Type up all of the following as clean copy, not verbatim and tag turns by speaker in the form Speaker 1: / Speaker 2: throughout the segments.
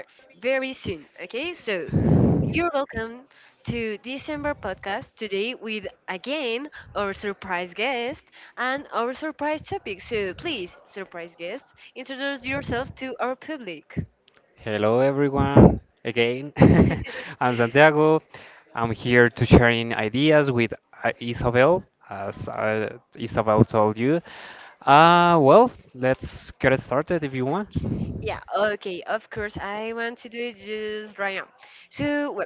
Speaker 1: very soon. Okay, so you're welcome to December podcast today with again our surprise guest and our surprise topic. So please, surprise guest, introduce yourself to our public.
Speaker 2: Hello, everyone. Again, I'm Santiago. I'm here to sharing ideas with Isabel, as Isabel told you. Well, let's get it started if you want.
Speaker 1: Yeah, okay, of course, I want to do it just right now. So, well,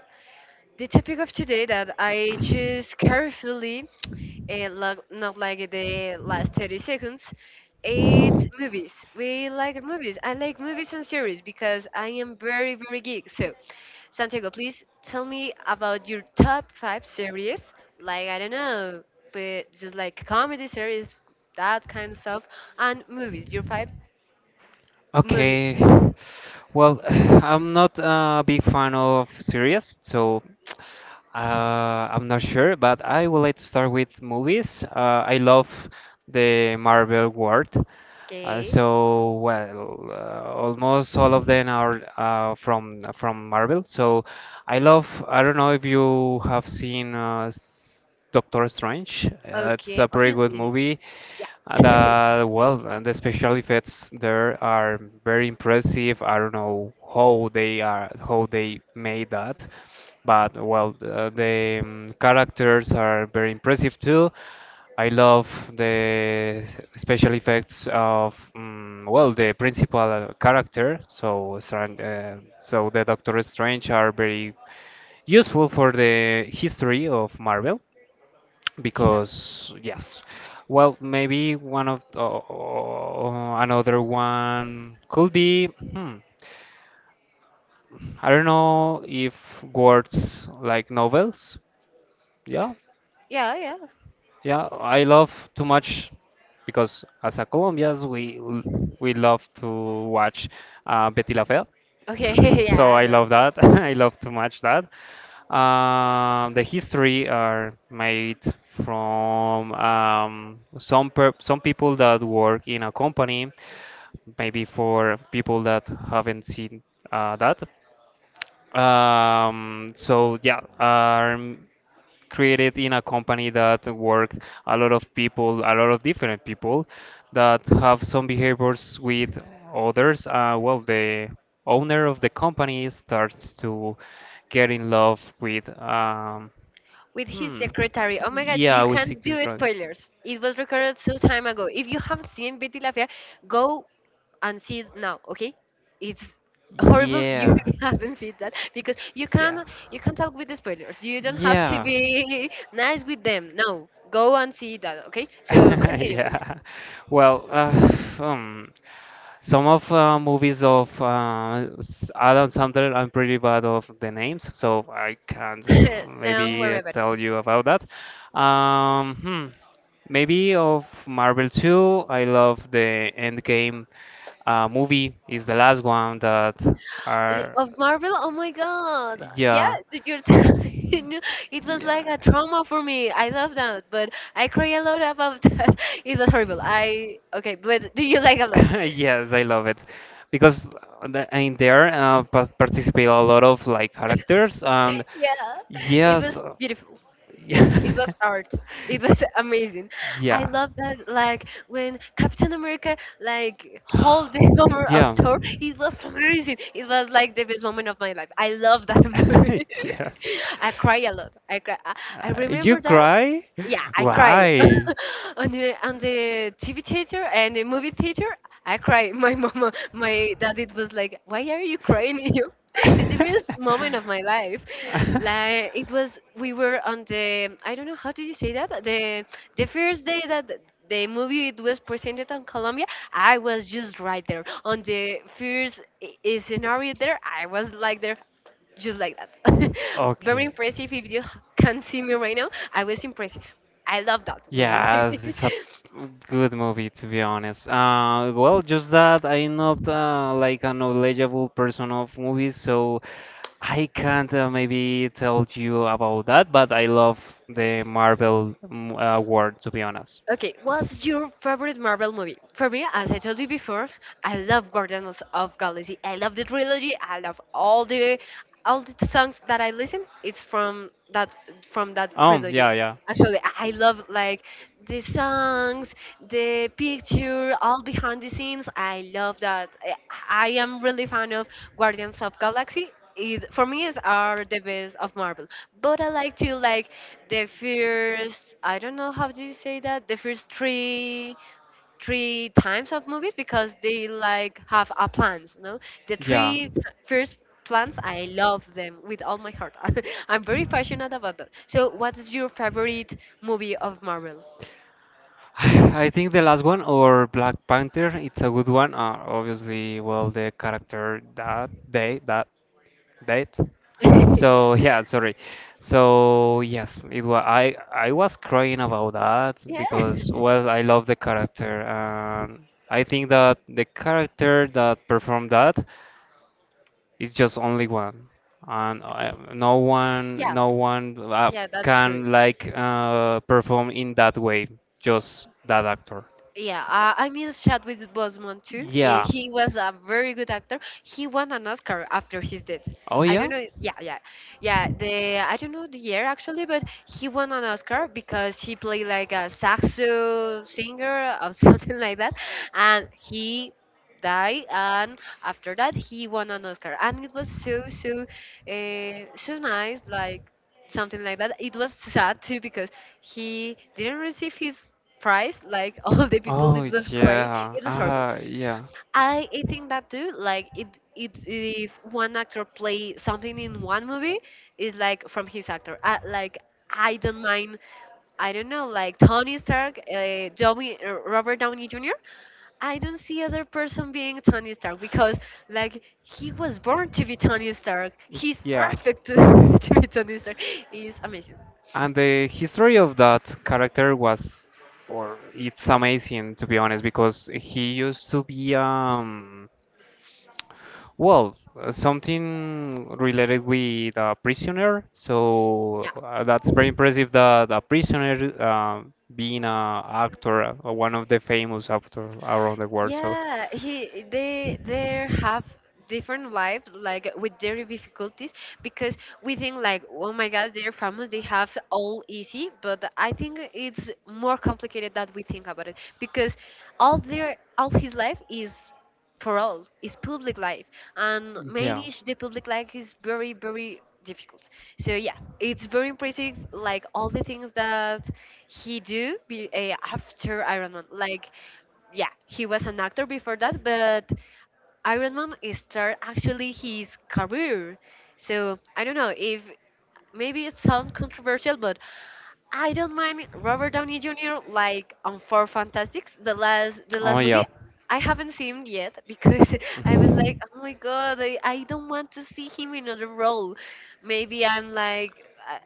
Speaker 1: the topic of today that I choose carefully it look not like the last 30 seconds. It's movies, we like movies, I like movies and series because I am very very geek. So, santiago, please tell me about your top five series, like I don't know, but just like comedy series, that kind of stuff, and movies, your five movies.
Speaker 2: Okay. Well, I'm not a big fan of series, so uh, I'm not sure, but I would like to start with movies. I love the Marvel world. Uh,
Speaker 1: Okay.
Speaker 2: so well, uh, almost all of them are from Marvel. So I love. I don't know if you have seen Doctor Strange. It's
Speaker 1: Okay,
Speaker 2: a pretty good
Speaker 1: obviously.
Speaker 2: movie.
Speaker 1: Yeah.
Speaker 2: Uh, The, well, uh, the special effects there are very impressive. I don't know how they are, how they made that, but well, the characters are very impressive too. I love the special effects of the principal character. So, the Doctor Strange are very useful for the history of Marvel
Speaker 1: Yeah,
Speaker 2: because yes. Well, maybe one of another one could be I don't know if words like novels. Yeah.
Speaker 1: yeah, yeah.
Speaker 2: Yeah I love too much because as a colombians we love to watch betty la fea.
Speaker 1: Okay.
Speaker 2: So
Speaker 1: Yeah,
Speaker 2: I
Speaker 1: that's
Speaker 2: love
Speaker 1: right.
Speaker 2: that. I love too much that. The history are made from some people that work in a company, maybe for people that haven't seen that. Um, so yeah, are m- Created in a company that work a lot of people, a lot of different people that have some behaviors with others. Well, the owner of the company starts to get in love with.
Speaker 1: With his
Speaker 2: Hmm.
Speaker 1: secretary. Oh my god,
Speaker 2: Yeah,
Speaker 1: you
Speaker 2: with
Speaker 1: can't
Speaker 2: Secret
Speaker 1: do
Speaker 2: Dragon.
Speaker 1: spoilers. It was recorded so time ago. If you haven't seen Betty La Fea, go and see it now, okay? It's horrible you
Speaker 2: Yeah.
Speaker 1: haven't seen that because you
Speaker 2: Yeah.
Speaker 1: can you can talk with the spoilers. You don't have to
Speaker 2: Yeah.
Speaker 1: be nice with them. No. Go and see that, okay? So continue please.
Speaker 2: Yeah. Well, um, some of movies of Adam Sandler, I'm pretty bad of the names, so I can't
Speaker 1: Don't
Speaker 2: maybe
Speaker 1: worry about it.
Speaker 2: tell you about that. Hmm. Maybe of Marvel 2, I love the Endgame movie. Is the last one that are.
Speaker 1: Of Marvel? Oh my god. Yeah,
Speaker 2: Yeah.
Speaker 1: did you tell, it was like
Speaker 2: Yeah,
Speaker 1: a trauma for me. I love that, but I cry a lot about that. It was horrible. I okay, but do you like a lot?
Speaker 2: yes, I love it because in there participate a lot of like characters and
Speaker 1: Yeah. It
Speaker 2: yes,
Speaker 1: was beautiful. It
Speaker 2: yeah,
Speaker 1: was art. It was amazing. I
Speaker 2: yeah,
Speaker 1: love that, like when captain america like hold the hammer of
Speaker 2: yeah.
Speaker 1: thor. It was amazing. It was like the best moment of my life. I love that movie.
Speaker 2: Yes.
Speaker 1: I cry a lot. I cry. I
Speaker 2: You
Speaker 1: remember that.
Speaker 2: cry?
Speaker 1: Yeah, I cry
Speaker 2: Why?
Speaker 1: on the TV theater and the movie theater. I cry. My mama, my dad, it was like, why are you crying? You, it's the best moment of my life. Like it was, we were on the, I don't know how do you say that, the first day that the movie it was presented on Colombia. I was just right there on the first scenario there. I was like there just like that. Very
Speaker 2: Okay.
Speaker 1: impressive. If you can see me right now, I was impressive. I love that movie.
Speaker 2: Yes, it's a good movie to be honest. Well, just that I'm not like a knowledgeable person of movies, so I can't maybe tell you about that. But I love the Marvel world to be honest.
Speaker 1: Okay, what's your favorite Marvel movie? For me, as I told you before, I love Guardians of Galaxy. I love the trilogy. I love all the songs that I listen. It's from that
Speaker 2: Oh,
Speaker 1: trilogy.
Speaker 2: yeah, yeah.
Speaker 1: Actually, I love like the songs, the picture, all behind the scenes. I love that. I am really fan of Guardians of Galaxy, it for me is are the best of Marvel. But I like to like the first, I don't know how do you say that, the first three times of movies because they like have a plans, no, the
Speaker 2: Yeah.
Speaker 1: first plans. I love them with all my heart. I'm very passionate about that. So what's your favorite movie of marvel?
Speaker 2: I think the last one or Black Panther, it's a good one. Obviously, well, the character that right?
Speaker 1: Yeah.
Speaker 2: So yeah, sorry. So yes, it was I was crying about that
Speaker 1: Yeah.
Speaker 2: because well I love the character and I think that the character that performed that is just only one and I,
Speaker 1: Okay.
Speaker 2: no one
Speaker 1: Yeah.
Speaker 2: no one uh,
Speaker 1: Yeah, that's true.
Speaker 2: can like perform in that way, just that actor.
Speaker 1: Yeah, I miss Chadwick Boseman too. Uh,
Speaker 2: Yeah.
Speaker 1: He was a very good actor. He won an Oscar after his death.
Speaker 2: Oh
Speaker 1: I don't
Speaker 2: yeah.
Speaker 1: know. Yeah, yeah, yeah. The I don't know the year actually, but he won an Oscar because he played like a saxo singer or something like that, and he died. And after that, he won an Oscar, and it was so nice. Like something like that. It was sad too because he didn't receive his price, like, all the people.
Speaker 2: Oh
Speaker 1: It was crazy,
Speaker 2: yeah,
Speaker 1: it was horrible.
Speaker 2: ah yeah,
Speaker 1: I think that too, like it, if one actor play something in one movie is like from his actor, like, I don't mind, I don't know, like tony stark, robert downey jr. I don't see other person being Tony Stark because, like, he was born to be Tony Stark. He's
Speaker 2: yeah.
Speaker 1: perfect to, to be Tony Stark. He's amazing.
Speaker 2: And the history of that character was, or it's amazing to be honest, because he used to be something related with a prisoner. So
Speaker 1: Yeah.
Speaker 2: that's very impressive that a prisoner being a actor, one of the famous actors around the world. So.
Speaker 1: Yeah, he they have different lives like with their difficulties because we think like oh my god they're famous they have all easy, but I think it's more complicated that we think about it because all his life is for all is public life, and manage the public life is very very difficult. So yeah, it's very impressive like all the things that he do be, after iron man, like yeah, he was an actor before that, but iron man started actually his career. So I don't know if, maybe it sounds controversial, but I don't mind Robert Downey Jr. like on Four Fantastics, the last the
Speaker 2: Yeah. Oh
Speaker 1: last
Speaker 2: yeah,
Speaker 1: movie. I haven't seen him yet because I was like, oh my god, I don't want to see him in another role. Maybe I'm like, I,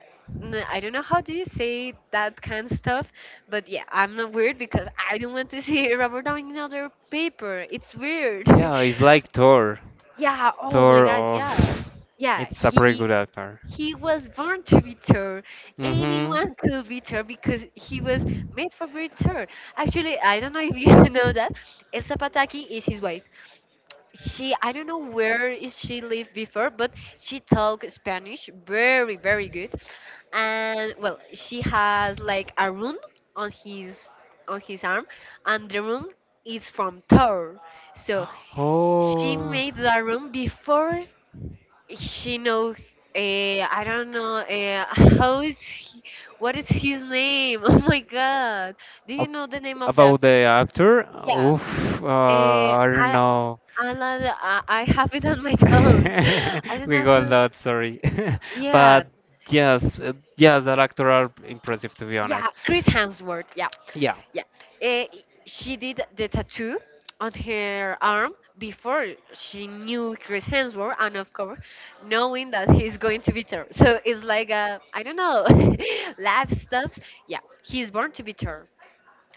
Speaker 1: I don't know how do you say that kind of stuff, but yeah, I'm not weird because I don't want to see Robert Downey in another paper. It's weird.
Speaker 2: yeah, it's like Thor.
Speaker 1: Yeah. Oh my
Speaker 2: Thor
Speaker 1: god. Yeah.
Speaker 2: of.
Speaker 1: Yeah.
Speaker 2: It's a pretty
Speaker 1: He
Speaker 2: good actor.
Speaker 1: he was born to be tall.
Speaker 2: Mm-hmm.
Speaker 1: Anyone could be tall because he was made for being tall. Actually, I don't know if you know that. Elsa Pataki is his wife. She, I don't know where is she lived before, but she talked Spanish very, very good. And well, she has like a rune on his arm, and the rune is from Thor. So she
Speaker 2: Oh.
Speaker 1: made the rune before she knows. I don't know. How is he, what is his name? Oh my God! Do you
Speaker 2: Ab-
Speaker 1: know the name of the
Speaker 2: About
Speaker 1: actor?
Speaker 2: the actor, yeah.
Speaker 1: Yeah.
Speaker 2: Oof,
Speaker 1: Uh,
Speaker 2: I
Speaker 1: I
Speaker 2: don't know.
Speaker 1: I, love the- I have it on my tongue. I don't
Speaker 2: We
Speaker 1: know who.
Speaker 2: got that, sorry.
Speaker 1: Yeah,
Speaker 2: But yes, yes, that actor are impressive to be
Speaker 1: yeah,
Speaker 2: honest.
Speaker 1: Chris Hemsworth. Yeah.
Speaker 2: Yeah.
Speaker 1: Yeah. Eh, she did the tattoo on her arm before she knew Chris Hemsworth, and of course, knowing that he's going to beat her. So it's like, I don't know, life stops. Yeah, he's born to beat her.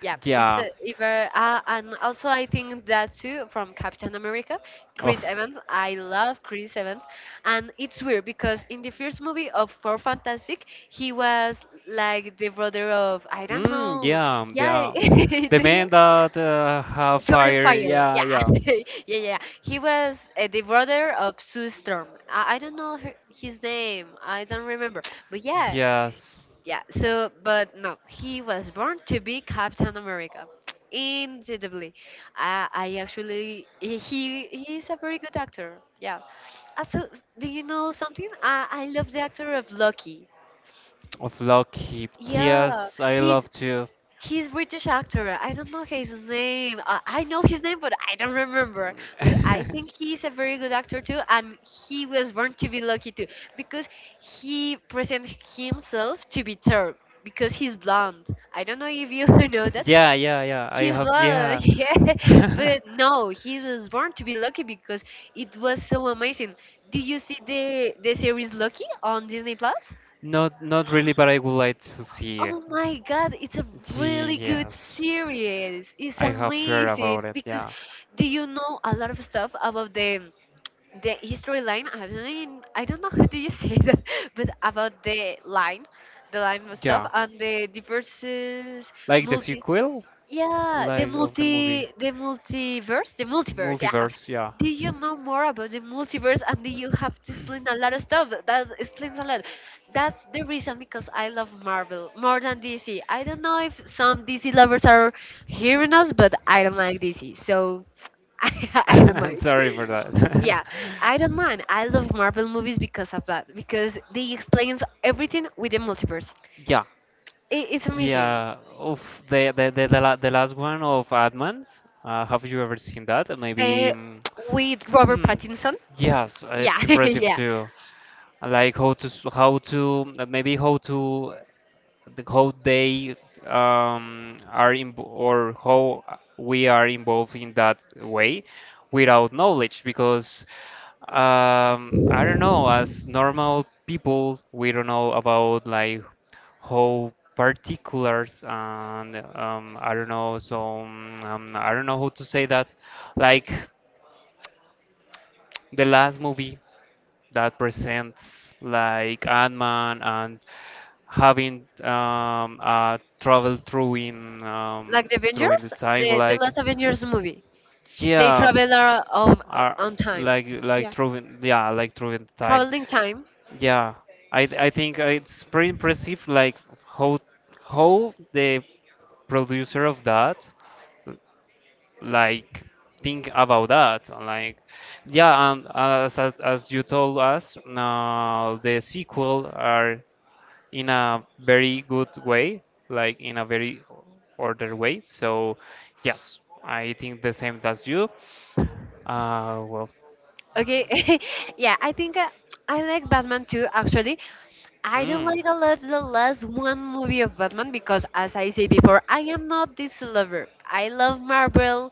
Speaker 1: Yeah, it's
Speaker 2: Yeah.
Speaker 1: a, either and also I think that too from Captain America, Chris Evans. I love Chris Evans, and it's weird because in the first movie of Four Fantastic, he was like the brother of I don't know, yeah,
Speaker 2: Yeah, the
Speaker 1: the
Speaker 2: man that have
Speaker 1: Jordan
Speaker 2: fire.
Speaker 1: Fire, yeah,
Speaker 2: Yeah, yeah.
Speaker 1: yeah.
Speaker 2: Yeah,
Speaker 1: Yeah. yeah. He was the brother of Sue Storm. I don't know her, his name. I don't remember. But
Speaker 2: yeah,
Speaker 1: yeah,
Speaker 2: yes.
Speaker 1: yeah. So, but no, he was born to be Captain America. Incredibly, I actually he he's a very good actor. Yeah. Also, do you know something? I love the actor of Lucky.
Speaker 2: Of Lockheed.
Speaker 1: Yeah,
Speaker 2: Yes, I
Speaker 1: he's
Speaker 2: love to.
Speaker 1: He's British actor. I don't know his name. I know his name, but I don't remember. But I think he's a very good actor too, and he was born to be lucky too, because he present himself to be Turk because he's blonde. I don't know if you know that.
Speaker 2: Yeah, yeah, yeah. I
Speaker 1: He's
Speaker 2: have,
Speaker 1: blonde,
Speaker 2: yeah.
Speaker 1: yeah. But no, he was born to be lucky because it was so amazing. Do you see the series Lucky on Disney Plus?
Speaker 2: Not not really, but I would like to see.
Speaker 1: Oh my God, it's a really good
Speaker 2: Yes,
Speaker 1: series. It's
Speaker 2: I have heard about
Speaker 1: amazing
Speaker 2: it.
Speaker 1: because
Speaker 2: Yeah.
Speaker 1: do you know a lot of stuff about the history line? I don't know. I don't know how do you say that, but about the line of stuff
Speaker 2: Yeah.
Speaker 1: and the diverses
Speaker 2: Like the
Speaker 1: multi.
Speaker 2: sequel,
Speaker 1: Yeah,
Speaker 2: like of the movie
Speaker 1: the multiverse, Yeah.
Speaker 2: multiverse. Yeah.
Speaker 1: Did you know more about the multiverse? And did you have to explain a lot of stuff? That explains a lot. That's the reason because I love Marvel more than DC. I don't know if some DC lovers are hearing us, but I don't like DC, so I, I don't
Speaker 2: I'm
Speaker 1: mind.
Speaker 2: sorry for
Speaker 1: Yeah,
Speaker 2: that.
Speaker 1: I don't mind. I love Marvel movies because of that, because they explains everything with the multiverse.
Speaker 2: Yeah,
Speaker 1: It's amazing.
Speaker 2: yeah. Of the last one of Adman. Have you ever seen that? Maybe.
Speaker 1: Uh,
Speaker 2: mm,
Speaker 1: with Robert
Speaker 2: Hmm.
Speaker 1: Pattinson.
Speaker 2: Yes,
Speaker 1: Yeah,
Speaker 2: it's impressive
Speaker 1: yeah.
Speaker 2: too. Like how to maybe how to how they are in, or how we are involved in that way without knowledge because I don't know as normal people we don't know about like how particulars and I don't know some I don't know how to say that like the last movie that presents like Ant-Man and having travel through in
Speaker 1: Like the
Speaker 2: through in the
Speaker 1: Avengers,
Speaker 2: time
Speaker 1: the
Speaker 2: like
Speaker 1: last Avengers movie. They
Speaker 2: yeah,
Speaker 1: travel of,
Speaker 2: uh,
Speaker 1: on time. Yeah.
Speaker 2: like through in the time
Speaker 1: Traveling time.
Speaker 2: yeah. I think it's pretty impressive like how how the producer of that like think about that like yeah, and as you told us, the sequel are in a very good way, like in a very ordered way. So, yes, I think the same as you. Well,
Speaker 1: Okay, yeah, I think I, like Batman too. Actually, I don't
Speaker 2: mm,
Speaker 1: like a lot the last one movie of Batman because, as I say before, I am not this lover. I love Marvel.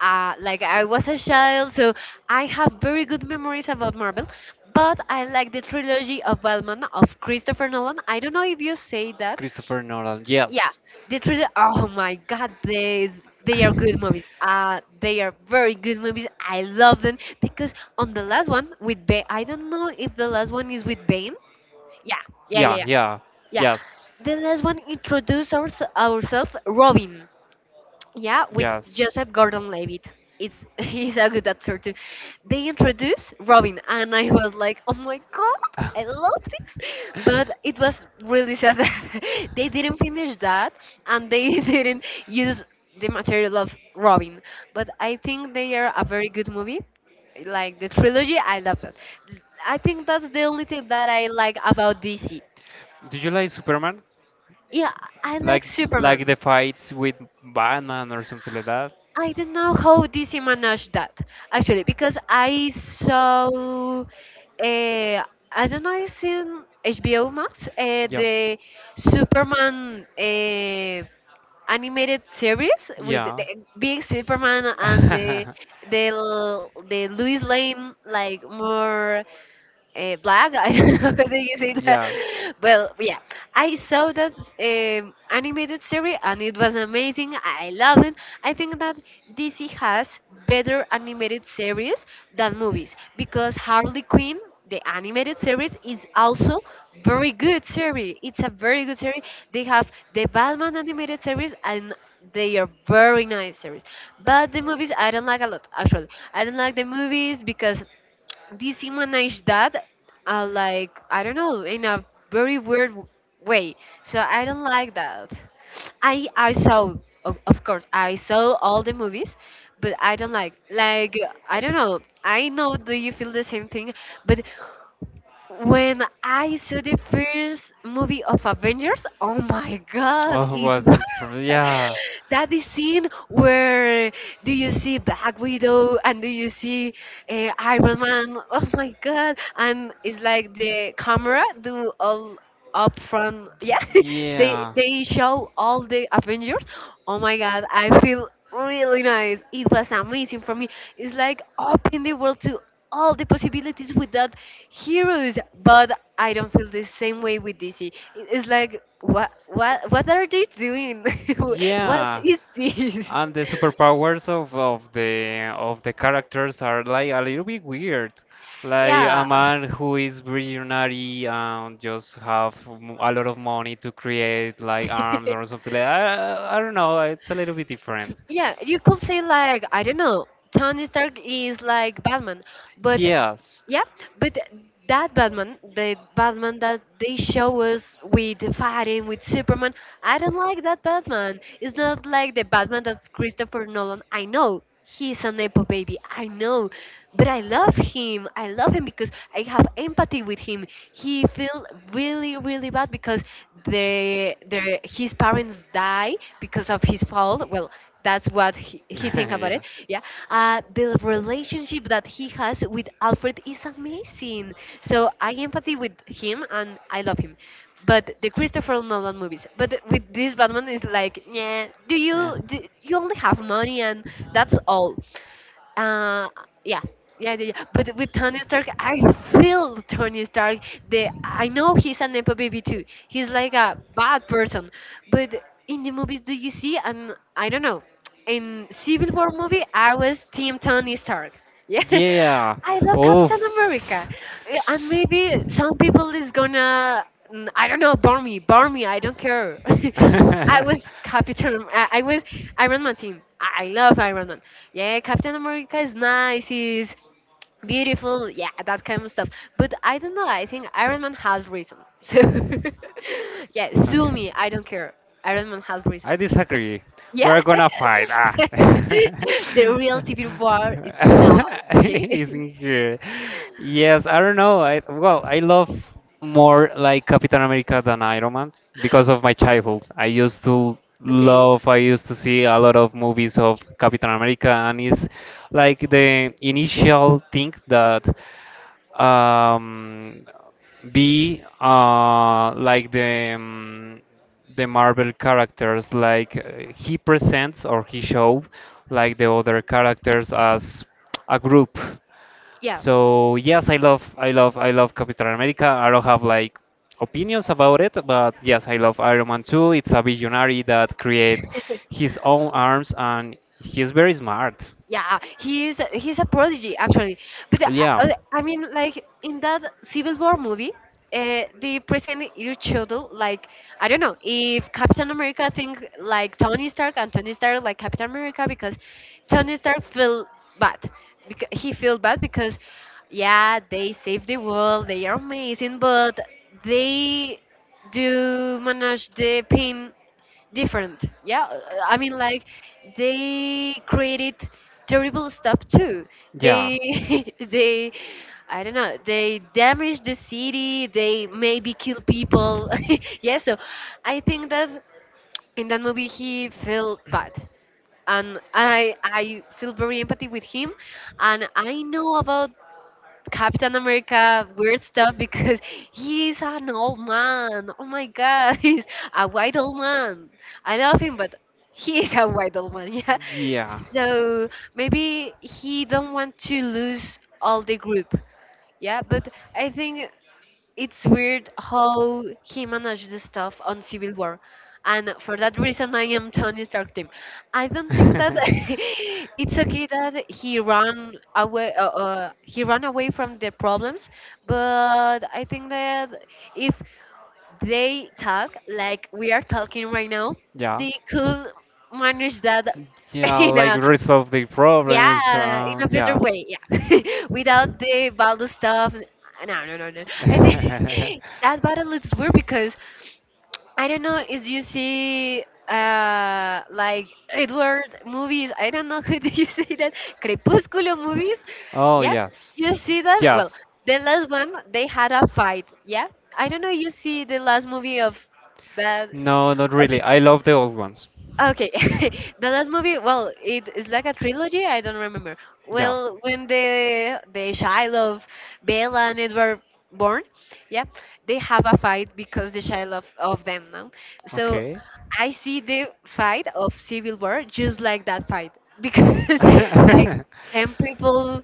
Speaker 1: Like I was a child, so I have very good memories about Marvel. But I like the trilogy of Batman of Christopher Nolan. I don't know if you say that,
Speaker 2: Christopher Nolan,
Speaker 1: yeah,
Speaker 2: yes.
Speaker 1: the truth, oh my god, these they are good movies, they are very good movies. I love them because on the last one with bane, I don't know if the last one is with bane. Yeah. Yeah,
Speaker 2: Yeah,
Speaker 1: yeah, yeah.
Speaker 2: yeah,
Speaker 1: Yeah,
Speaker 2: yes,
Speaker 1: the last one introduced ourselves, robin, yeah, with
Speaker 2: yes.
Speaker 1: Joseph Gordon-Levitt. It's He's a good actor too. They introduced Robin, and I was like, oh my god, I love this. But it was really sad that they didn't finish that, and they didn't use the material of Robin. But I think they are a very good movie. Like the trilogy, I love that. I think that's the only thing that I like about DC.
Speaker 2: Do you like Superman?
Speaker 1: Yeah, I like
Speaker 2: Like
Speaker 1: Superman.
Speaker 2: the fights with Batman or something like that.
Speaker 1: I don't know how DC managed that actually because I saw I don't know, it's in HBO Max,
Speaker 2: Yeah.
Speaker 1: the Superman animated series with the
Speaker 2: Yeah.
Speaker 1: big Superman and the the the Louis Lane, like more black. I don't know whether you say that.
Speaker 2: Yeah
Speaker 1: Well, yeah, I saw that animated series and it was amazing. I loved it. I think that DC has better animated series than movies because Harley Quinn. The animated series is also very good series. It's a very good series. They have the Batman animated series and they are very nice series. But the movies I don't like a lot actually. I don't like the movies because dehumanize that, like I don't know, in a very weird way, so I don't like that. I saw, of course I saw all the movies, but I don't like, I don't know. I know, do you feel the same thing? But when I saw the first movie of Avengers, oh my god,
Speaker 2: god, oh,
Speaker 1: it
Speaker 2: was
Speaker 1: was
Speaker 2: improv. Yeah. That's
Speaker 1: that is scene where do you see Black Widow and do you see Iron Man? Oh my god! And it's like the camera do all up front, yeah. They show all the Avengers. Oh my god, I feel really nice. It was amazing for me. It's like opening the world to all the possibilities with that heroes. But I don't feel the same way with DC. It's like, what what are they doing? What
Speaker 2: yeah.
Speaker 1: is this?
Speaker 2: And the superpowers of the characters are like a little bit weird. Like a
Speaker 1: Yeah.
Speaker 2: man who is visionary and just have a lot of money to create like arms or something like I don't know, it's a little bit different.
Speaker 1: Yeah, you could say like, I don't know, Tony Stark is like Batman, but
Speaker 2: Yes.
Speaker 1: yeah, but that Batman, the Batman that they show us with fighting with Superman, I don't like that Batman. It's not like the Batman of Christopher Nolan. I know he's an nepo baby. I know, but I love him. I love him because I have empathy with him. He feel really, really bad because the his parents die because of his fault. Well, that's what he think about it.
Speaker 2: Yes.
Speaker 1: Yeah, the relationship that he has with Alfred is amazing, so I empathy with him and I love him. But the Christopher Nolan movies, but with this Batman is like, yeah,
Speaker 2: Yeah.
Speaker 1: do, you only have money and that's all. uh, yeah. Yeah, yeah, yeah. But with Tony Stark, I feel Tony Stark. The, I know he's a nepo baby too. He's like a bad person. But in the movies, do you see? And I don't know. In Civil War movie, I was Team Tony Stark. Yeah,
Speaker 2: Yeah.
Speaker 1: I love Captain
Speaker 2: Oof.
Speaker 1: America. Yeah, and maybe some people is gonna, I don't know, burn me, burn me. I don't care. I was Captain. I was Iron Man team. I love Iron Man. Yeah, Captain America is nice. He's beautiful. Yeah, that kind of stuff. But I don't know. I think Iron Man has reason. So yeah, sue
Speaker 2: Okay.
Speaker 1: me. I don't care. Iron Man has
Speaker 2: I
Speaker 1: reason.
Speaker 2: disagree.
Speaker 1: Yeah.
Speaker 2: We're gonna fight. Ah.
Speaker 1: The real civil war is now, okay?
Speaker 2: It's in here. Yes, I don't know. I Well, I love more like Captain America than Iron Man because of my childhood. I used to
Speaker 1: Okay.
Speaker 2: love. I used to see a lot of movies of Captain America, and it's like the initial thing that um, be like the Marvel characters, like he presents or he show like the other characters as a group.
Speaker 1: Yeah.
Speaker 2: So yes, I love Captain America. I don't have like opinions about it, but yes, I love Iron Man too. It's a visionary that create his own arms and he's very smart.
Speaker 1: Yeah, he's a prodigy actually. But
Speaker 2: Yeah.
Speaker 1: I mean, like in that Civil War movie, they present each other like, I don't know if Captain America think like Tony Stark and Tony Stark like Captain America because Tony Stark feel bad because he feel bad because, yeah, they save the world, they are amazing, but they do manage the pain different. Yeah, I mean like, they created terrible stuff too. They they, I don't know, they damage the city, they maybe kill people. Yeah, so I think that in that movie he felt bad, and I feel very empathy with him, and I know about Captain America weird stuff because he's an old man. Oh my god, he's a white old man. I love him, but he is a white old man. Yeah,
Speaker 2: Yeah.
Speaker 1: so maybe he don't want to lose all the group. Yeah, but I think it's weird how he managed the stuff on Civil War. And for that reason, I am Tony Stark team. I don't think that it's okay that he ran away. He ran away from the problems, but I think that if they talk like we are talking right now,
Speaker 2: Yeah.
Speaker 1: they could manage that
Speaker 2: Yeah,
Speaker 1: in
Speaker 2: like
Speaker 1: a,
Speaker 2: resolve the problems.
Speaker 1: yeah, in a better
Speaker 2: Yeah.
Speaker 1: way. Yeah, without the battle stuff. No, no, no, no. I think that battle is weird because I don't know if you see, like Edward movies. I don't know who do you see that, Crepúsculo movies.
Speaker 2: Oh,
Speaker 1: Yeah,
Speaker 2: yes.
Speaker 1: you see that. Well,
Speaker 2: Yes.
Speaker 1: the last one they had a fight. Yeah, I don't know. You see the last movie of that,
Speaker 2: No, not
Speaker 1: of
Speaker 2: really.
Speaker 1: the
Speaker 2: I
Speaker 1: film.
Speaker 2: love the old ones.
Speaker 1: Okay, the last movie, well, it is like a trilogy. I don't remember.
Speaker 2: Yeah.
Speaker 1: Well, when the child of Bella and Edward born, yeah, they have a fight because the child of them now. So
Speaker 2: Okay.
Speaker 1: I see the fight of Civil War just like that fight because, like, ten people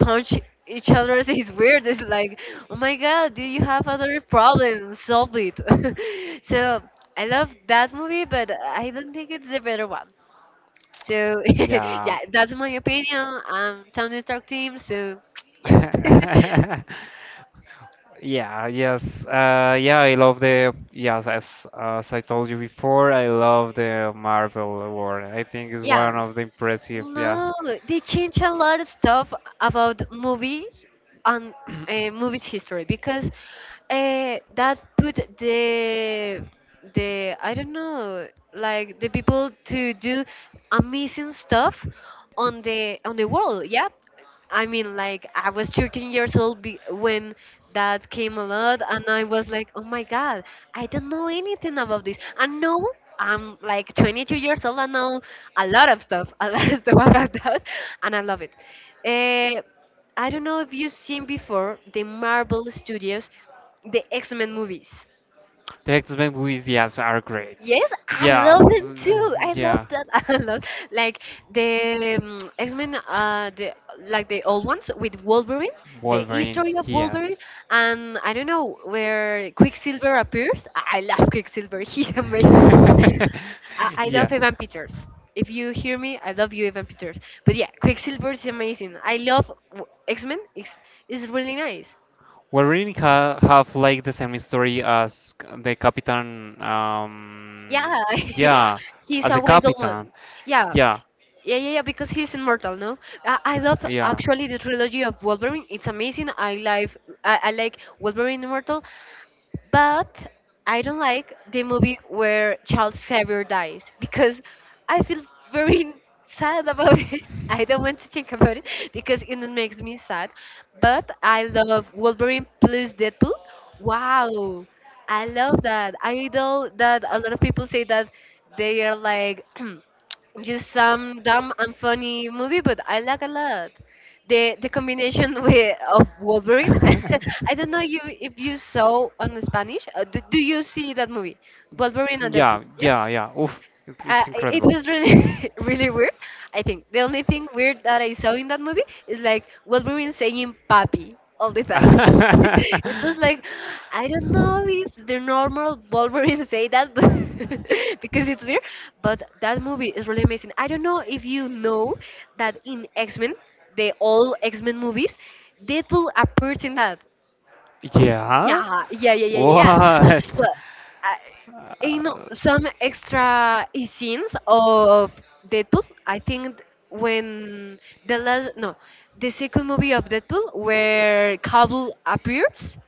Speaker 1: punch each other is weird. It's like, oh my god, do you have other problems? Solve it. So I love that movie, but I don't think it's the better one. So
Speaker 2: Yeah.
Speaker 1: yeah, that's my opinion. I'm Tony Stark team. So yeah,
Speaker 2: Yeah, yes. Yeah, I love the yes, as I told you before, I love the Marvel Award. I think it's
Speaker 1: yeah.
Speaker 2: one of the impressive, yeah.
Speaker 1: No, they change a lot of stuff about movies, and movies history because that put the I don't know, like the people to do amazing stuff on the world. Yeah, I mean like I was 13 years old when that came a lot and I was like, oh my god, I don't know anything about this. And now I'm like 22 years old and know a lot of stuff, a lot of stuff about that, and I love it. Uh, I don't know if you've seen before the Marvel Studios, the X-Men movies.
Speaker 2: The X-Men movies, yes, are great.
Speaker 1: Yes, I love
Speaker 2: Yeah.
Speaker 1: them too. I love
Speaker 2: Yeah.
Speaker 1: that. I love, like, the X-Men, the, like the old ones with Wolverine, the
Speaker 2: Wolverine,
Speaker 1: history of Wolverine,
Speaker 2: yes.
Speaker 1: and I don't know where Quicksilver appears. I love Quicksilver. He's amazing. I, I
Speaker 2: Yeah.
Speaker 1: love Evan Peters. If you hear me, I love you, Evan Peters. But yeah, Quicksilver is amazing. I love X-Men. It's really nice.
Speaker 2: Well, really ha have like the same story as the Captain.
Speaker 1: Yeah,
Speaker 2: Yeah,
Speaker 1: he's
Speaker 2: as
Speaker 1: a
Speaker 2: the
Speaker 1: wild
Speaker 2: Captain.
Speaker 1: one. Yeah.
Speaker 2: Yeah,
Speaker 1: Yeah, yeah, yeah, because he's immortal, no? I love
Speaker 2: yeah.
Speaker 1: actually the trilogy of Wolverine. It's amazing. I like Wolverine Immortal. But I don't like the movie where Charles Xavier dies because I feel very sad about it. I don't want to think about it because it makes me sad. But I love Wolverine plus Deadpool. Wow, I love that. I know that a lot of people say that they are like just some dumb and funny movie, but I like a lot. The combination with, of Wolverine. I don't know you if you saw on Spanish. Do you see that movie, Wolverine and Deadpool?
Speaker 2: Yeah,
Speaker 1: Yeah,
Speaker 2: yeah, yeah. Oof, it's
Speaker 1: it
Speaker 2: incredible.
Speaker 1: was really really weird. I think the only thing weird that I saw in that movie is like Wolverine saying "papi" all the time. It was like, I don't know if the normal Wolverine say that, but because it's weird. But that movie is really amazing. I don't know if you know that in X Men, the all X Men movies, Deadpool appears in that.
Speaker 2: Yeah?
Speaker 1: Yeah, yeah, yeah, yeah, yeah.
Speaker 2: What?
Speaker 1: But uh, in some extra scenes of Deadpool, I think when the last no, the second movie of Deadpool where Cable appears,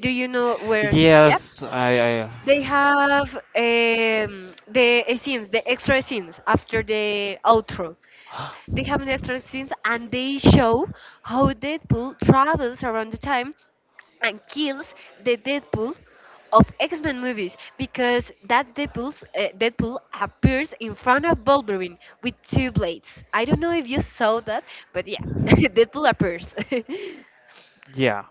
Speaker 1: do you know where? Yeah,
Speaker 2: Yes, I.
Speaker 1: they have the scenes, the extra scenes after the outro. They have an extra scenes and they show how Deadpool travels around the time and kills the Deadpool of X-Men movies because that Deadpool's, Deadpool appears in front of Wolverine with two blades. I don't know if you saw that, but yeah, Deadpool appears.
Speaker 2: Yeah,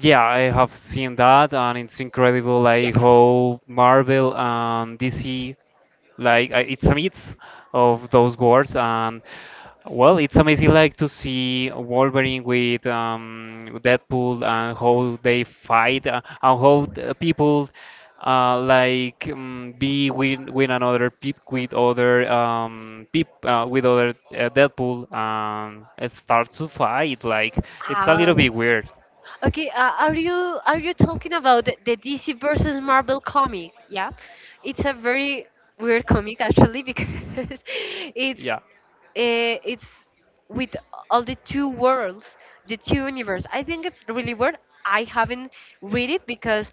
Speaker 2: yeah, I have seen that, and it's incredible
Speaker 1: yeah.
Speaker 2: like how Marvel and DC like it's a mix of those words, and well it's amazing like to see wolverine with deadpool and how they fight, and how the people like be with another peep with other deadpool and start to fight like it's a little
Speaker 1: Uh,
Speaker 2: bit weird.
Speaker 1: okay, are you talking about the DC versus Marvel comic? Yeah, it's a very weird comic actually because it's uh, it's with all the two worlds, the two universe. I think it's really weird. I haven't read it because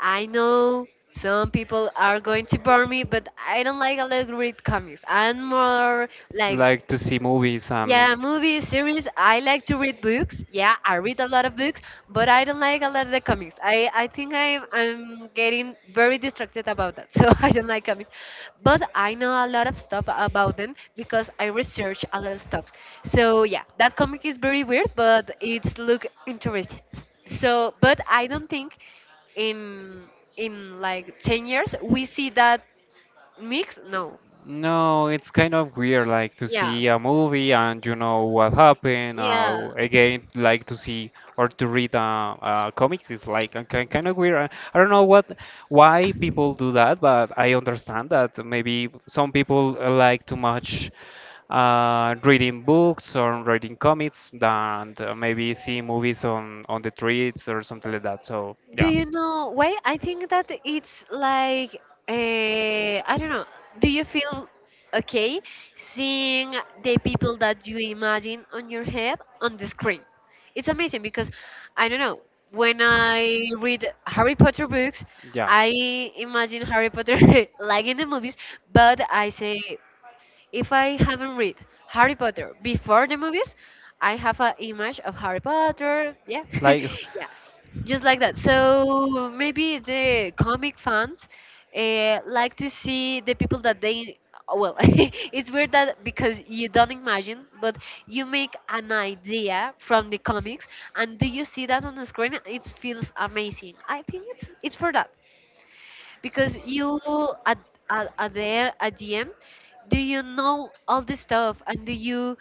Speaker 1: I know some people are going to burn me, but I don't like a lot of read comics. I'm more like,
Speaker 2: Like to see movies and
Speaker 1: yeah, movies, series. I like to read books. Yeah, I read a lot of books, but I don't like a lot of the comics. I think I'm getting very distracted about that, so I don't like comics. But I know a lot of stuff about them because I research a lot of stuff. So yeah, that comic is very weird, but it's look interesting. So, but I don't think in in like 10 years we see that mix. No.
Speaker 2: no, it's kind of weird, like to
Speaker 1: Yeah.
Speaker 2: see a movie and you know what happened.
Speaker 1: Yeah.
Speaker 2: Again, like to see or to read a comic is like kind of weird. I don't know what why people do that, but I understand that maybe some people like too much reading books or reading comics than maybe seeing movies on the streets or something like that. So,
Speaker 1: Do
Speaker 2: yeah.
Speaker 1: you know why? I think that it's like I don't know. Do you feel okay seeing the people that you imagine on your head on the screen? It's amazing because I don't know. When I read Harry Potter books,
Speaker 2: Yeah.
Speaker 1: I imagine Harry Potter like in the movies, but I say if I haven't read Harry Potter before the movies, I have an image of Harry Potter. Yeah,
Speaker 2: Like,
Speaker 1: yeah, just like that. So maybe the comic fans like to see the people that they. Well, it's weird that because you don't imagine, but you make an idea from the comics, and do you see that on the screen? It feels amazing. I think it's for that because you at at the end, do you know all the stuff and do you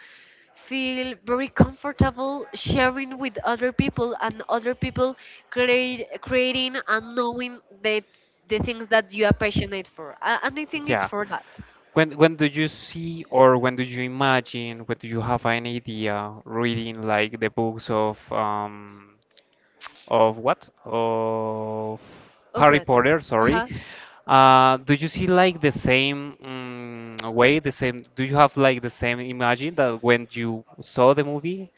Speaker 1: feel very comfortable sharing with other people and other people create creating and knowing the things that you are passionate for. And I think it's
Speaker 2: yeah.
Speaker 1: for that.
Speaker 2: When do you see or when do you imagine, when do you have an idea reading like the books of what? Of
Speaker 1: Of
Speaker 2: Harry
Speaker 1: it.
Speaker 2: Potter,
Speaker 1: Uh
Speaker 2: sorry.
Speaker 1: huh.
Speaker 2: Do you see like the same way, the same, do you have like the same imagine that when you saw the movie?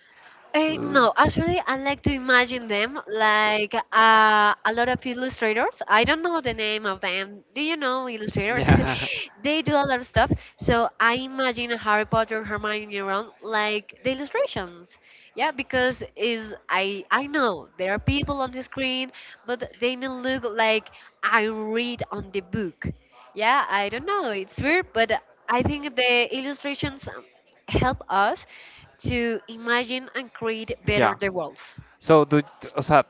Speaker 2: L-
Speaker 1: No, actually, I like to imagine them like a lot of illustrators. I don't know the name of them. Do you know illustrators?
Speaker 2: Yeah.
Speaker 1: They do a lot of stuff. So I imagine Harry Potter, Hermione, Ron like the illustrations. Yeah, because is I know there are people on the screen, but they don't look like I read on the book. Yeah, I don't know. It's weird, but I think the illustrations help us to imagine and create
Speaker 2: Yeah.
Speaker 1: better the world.
Speaker 2: So do, o sea,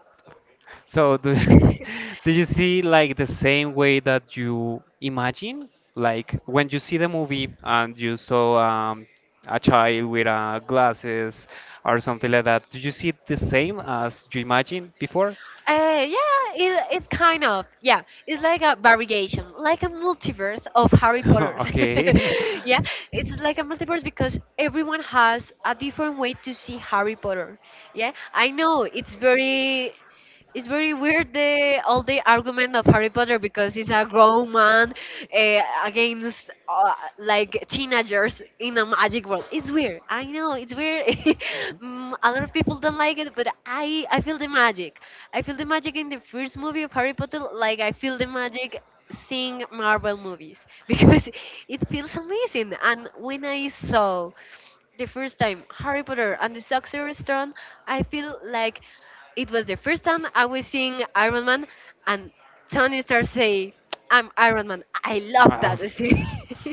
Speaker 2: so do, do you see like the same way that you imagine? Like when you see the movie and you saw a child with glasses or something like that, do you see it the same as you imagined before?
Speaker 1: Yeah, it's kind of yeah. It's like a variation, like a multiverse of Harry Potter's.
Speaker 2: Of. It's okay.
Speaker 1: Yeah, it's like a multiverse because everyone has a different way to see Harry Potter. Yeah, I know it's very it's very weird the all the argument of Harry Potter because it's a grown man against like teenagers in a magic world. It's weird. I know it's weird.
Speaker 2: Mhm.
Speaker 1: A lot of people don't like it, but I feel the magic. I feel the magic in the first movie of Harry Potter. Like I feel the magic seeing Marvel movies because it feels amazing. And when I saw the first time Harry Potter and the Sorcerer's Stone, I feel like it was the first time I was seeing Iron Man, and Tony starts saying, "I'm Iron Man." I love
Speaker 2: Uh,
Speaker 1: that scene.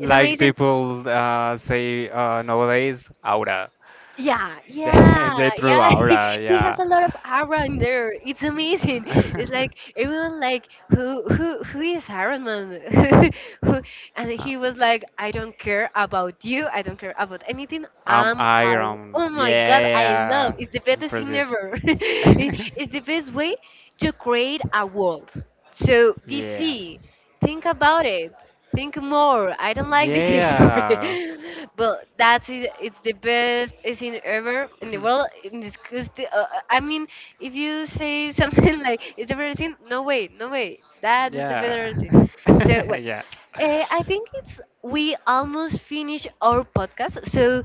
Speaker 1: It's amazing.
Speaker 2: people say nowadays, aura.
Speaker 1: Yeah, yeah,
Speaker 2: They threw
Speaker 1: yeah.
Speaker 2: aura,
Speaker 1: He has
Speaker 2: yeah.
Speaker 1: a lot of Aaron there. It's amazing. It's like everyone like who is Aaron man? Who- and
Speaker 2: Uh,
Speaker 1: he was like, I don't care about you. I don't care about anything.
Speaker 2: I'm
Speaker 1: I'm Aaron.
Speaker 2: Iron.
Speaker 1: Oh my God, I love.
Speaker 2: Yeah.
Speaker 1: It's the best thing
Speaker 2: Impressive.
Speaker 1: ever. It's the best way to create a world. So DC,
Speaker 2: Yes.
Speaker 1: think about it. Think more. I don't like this history,
Speaker 2: Yeah.
Speaker 1: but that's it. It's the best is in ever in the world. In this, I mean, if you say something like it's the better thing, no way, no way. That is the
Speaker 2: Yeah.
Speaker 1: better thing. So well.
Speaker 2: Yes.
Speaker 1: I think it's we almost finished our podcast. So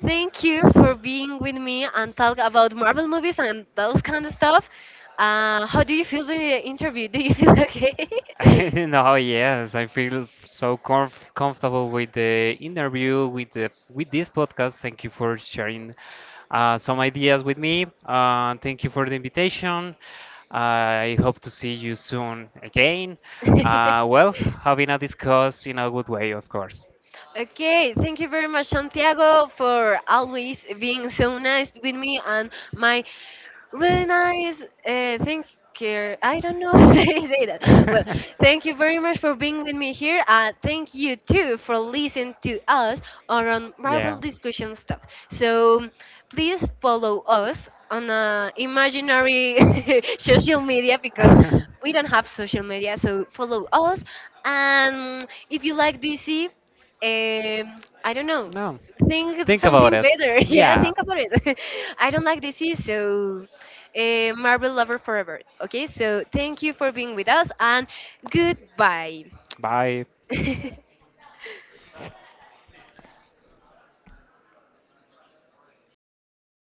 Speaker 1: thank you for being with me and talk about Marvel movies and those kind of stuff. How do you feel with the interview? Do you feel okay?
Speaker 2: No, yes, I feel so comfortable with the interview, with the with this podcast. Thank you for sharing some ideas with me. Thank you for the invitation. I hope to see you soon again. Having a discuss in a good way, of course.
Speaker 1: Okay, thank you very much, Santiago, for always being so nice with me and my really nice. Thank you. I don't know how they say that. Well, thank you very much for being with me here. And thank you too for listening to us on Marvel
Speaker 2: Yeah.
Speaker 1: discussion stuff. So please follow us on imaginary social media because we don't have social media. So follow us. And if you like DC, I don't
Speaker 2: Know,
Speaker 1: know.
Speaker 2: no.
Speaker 1: Think something better. Yeah, think about it. I don't like DC, so Marvel lover forever. Okay, so thank you for being with us and goodbye.
Speaker 2: Bye.
Speaker 1: Bye.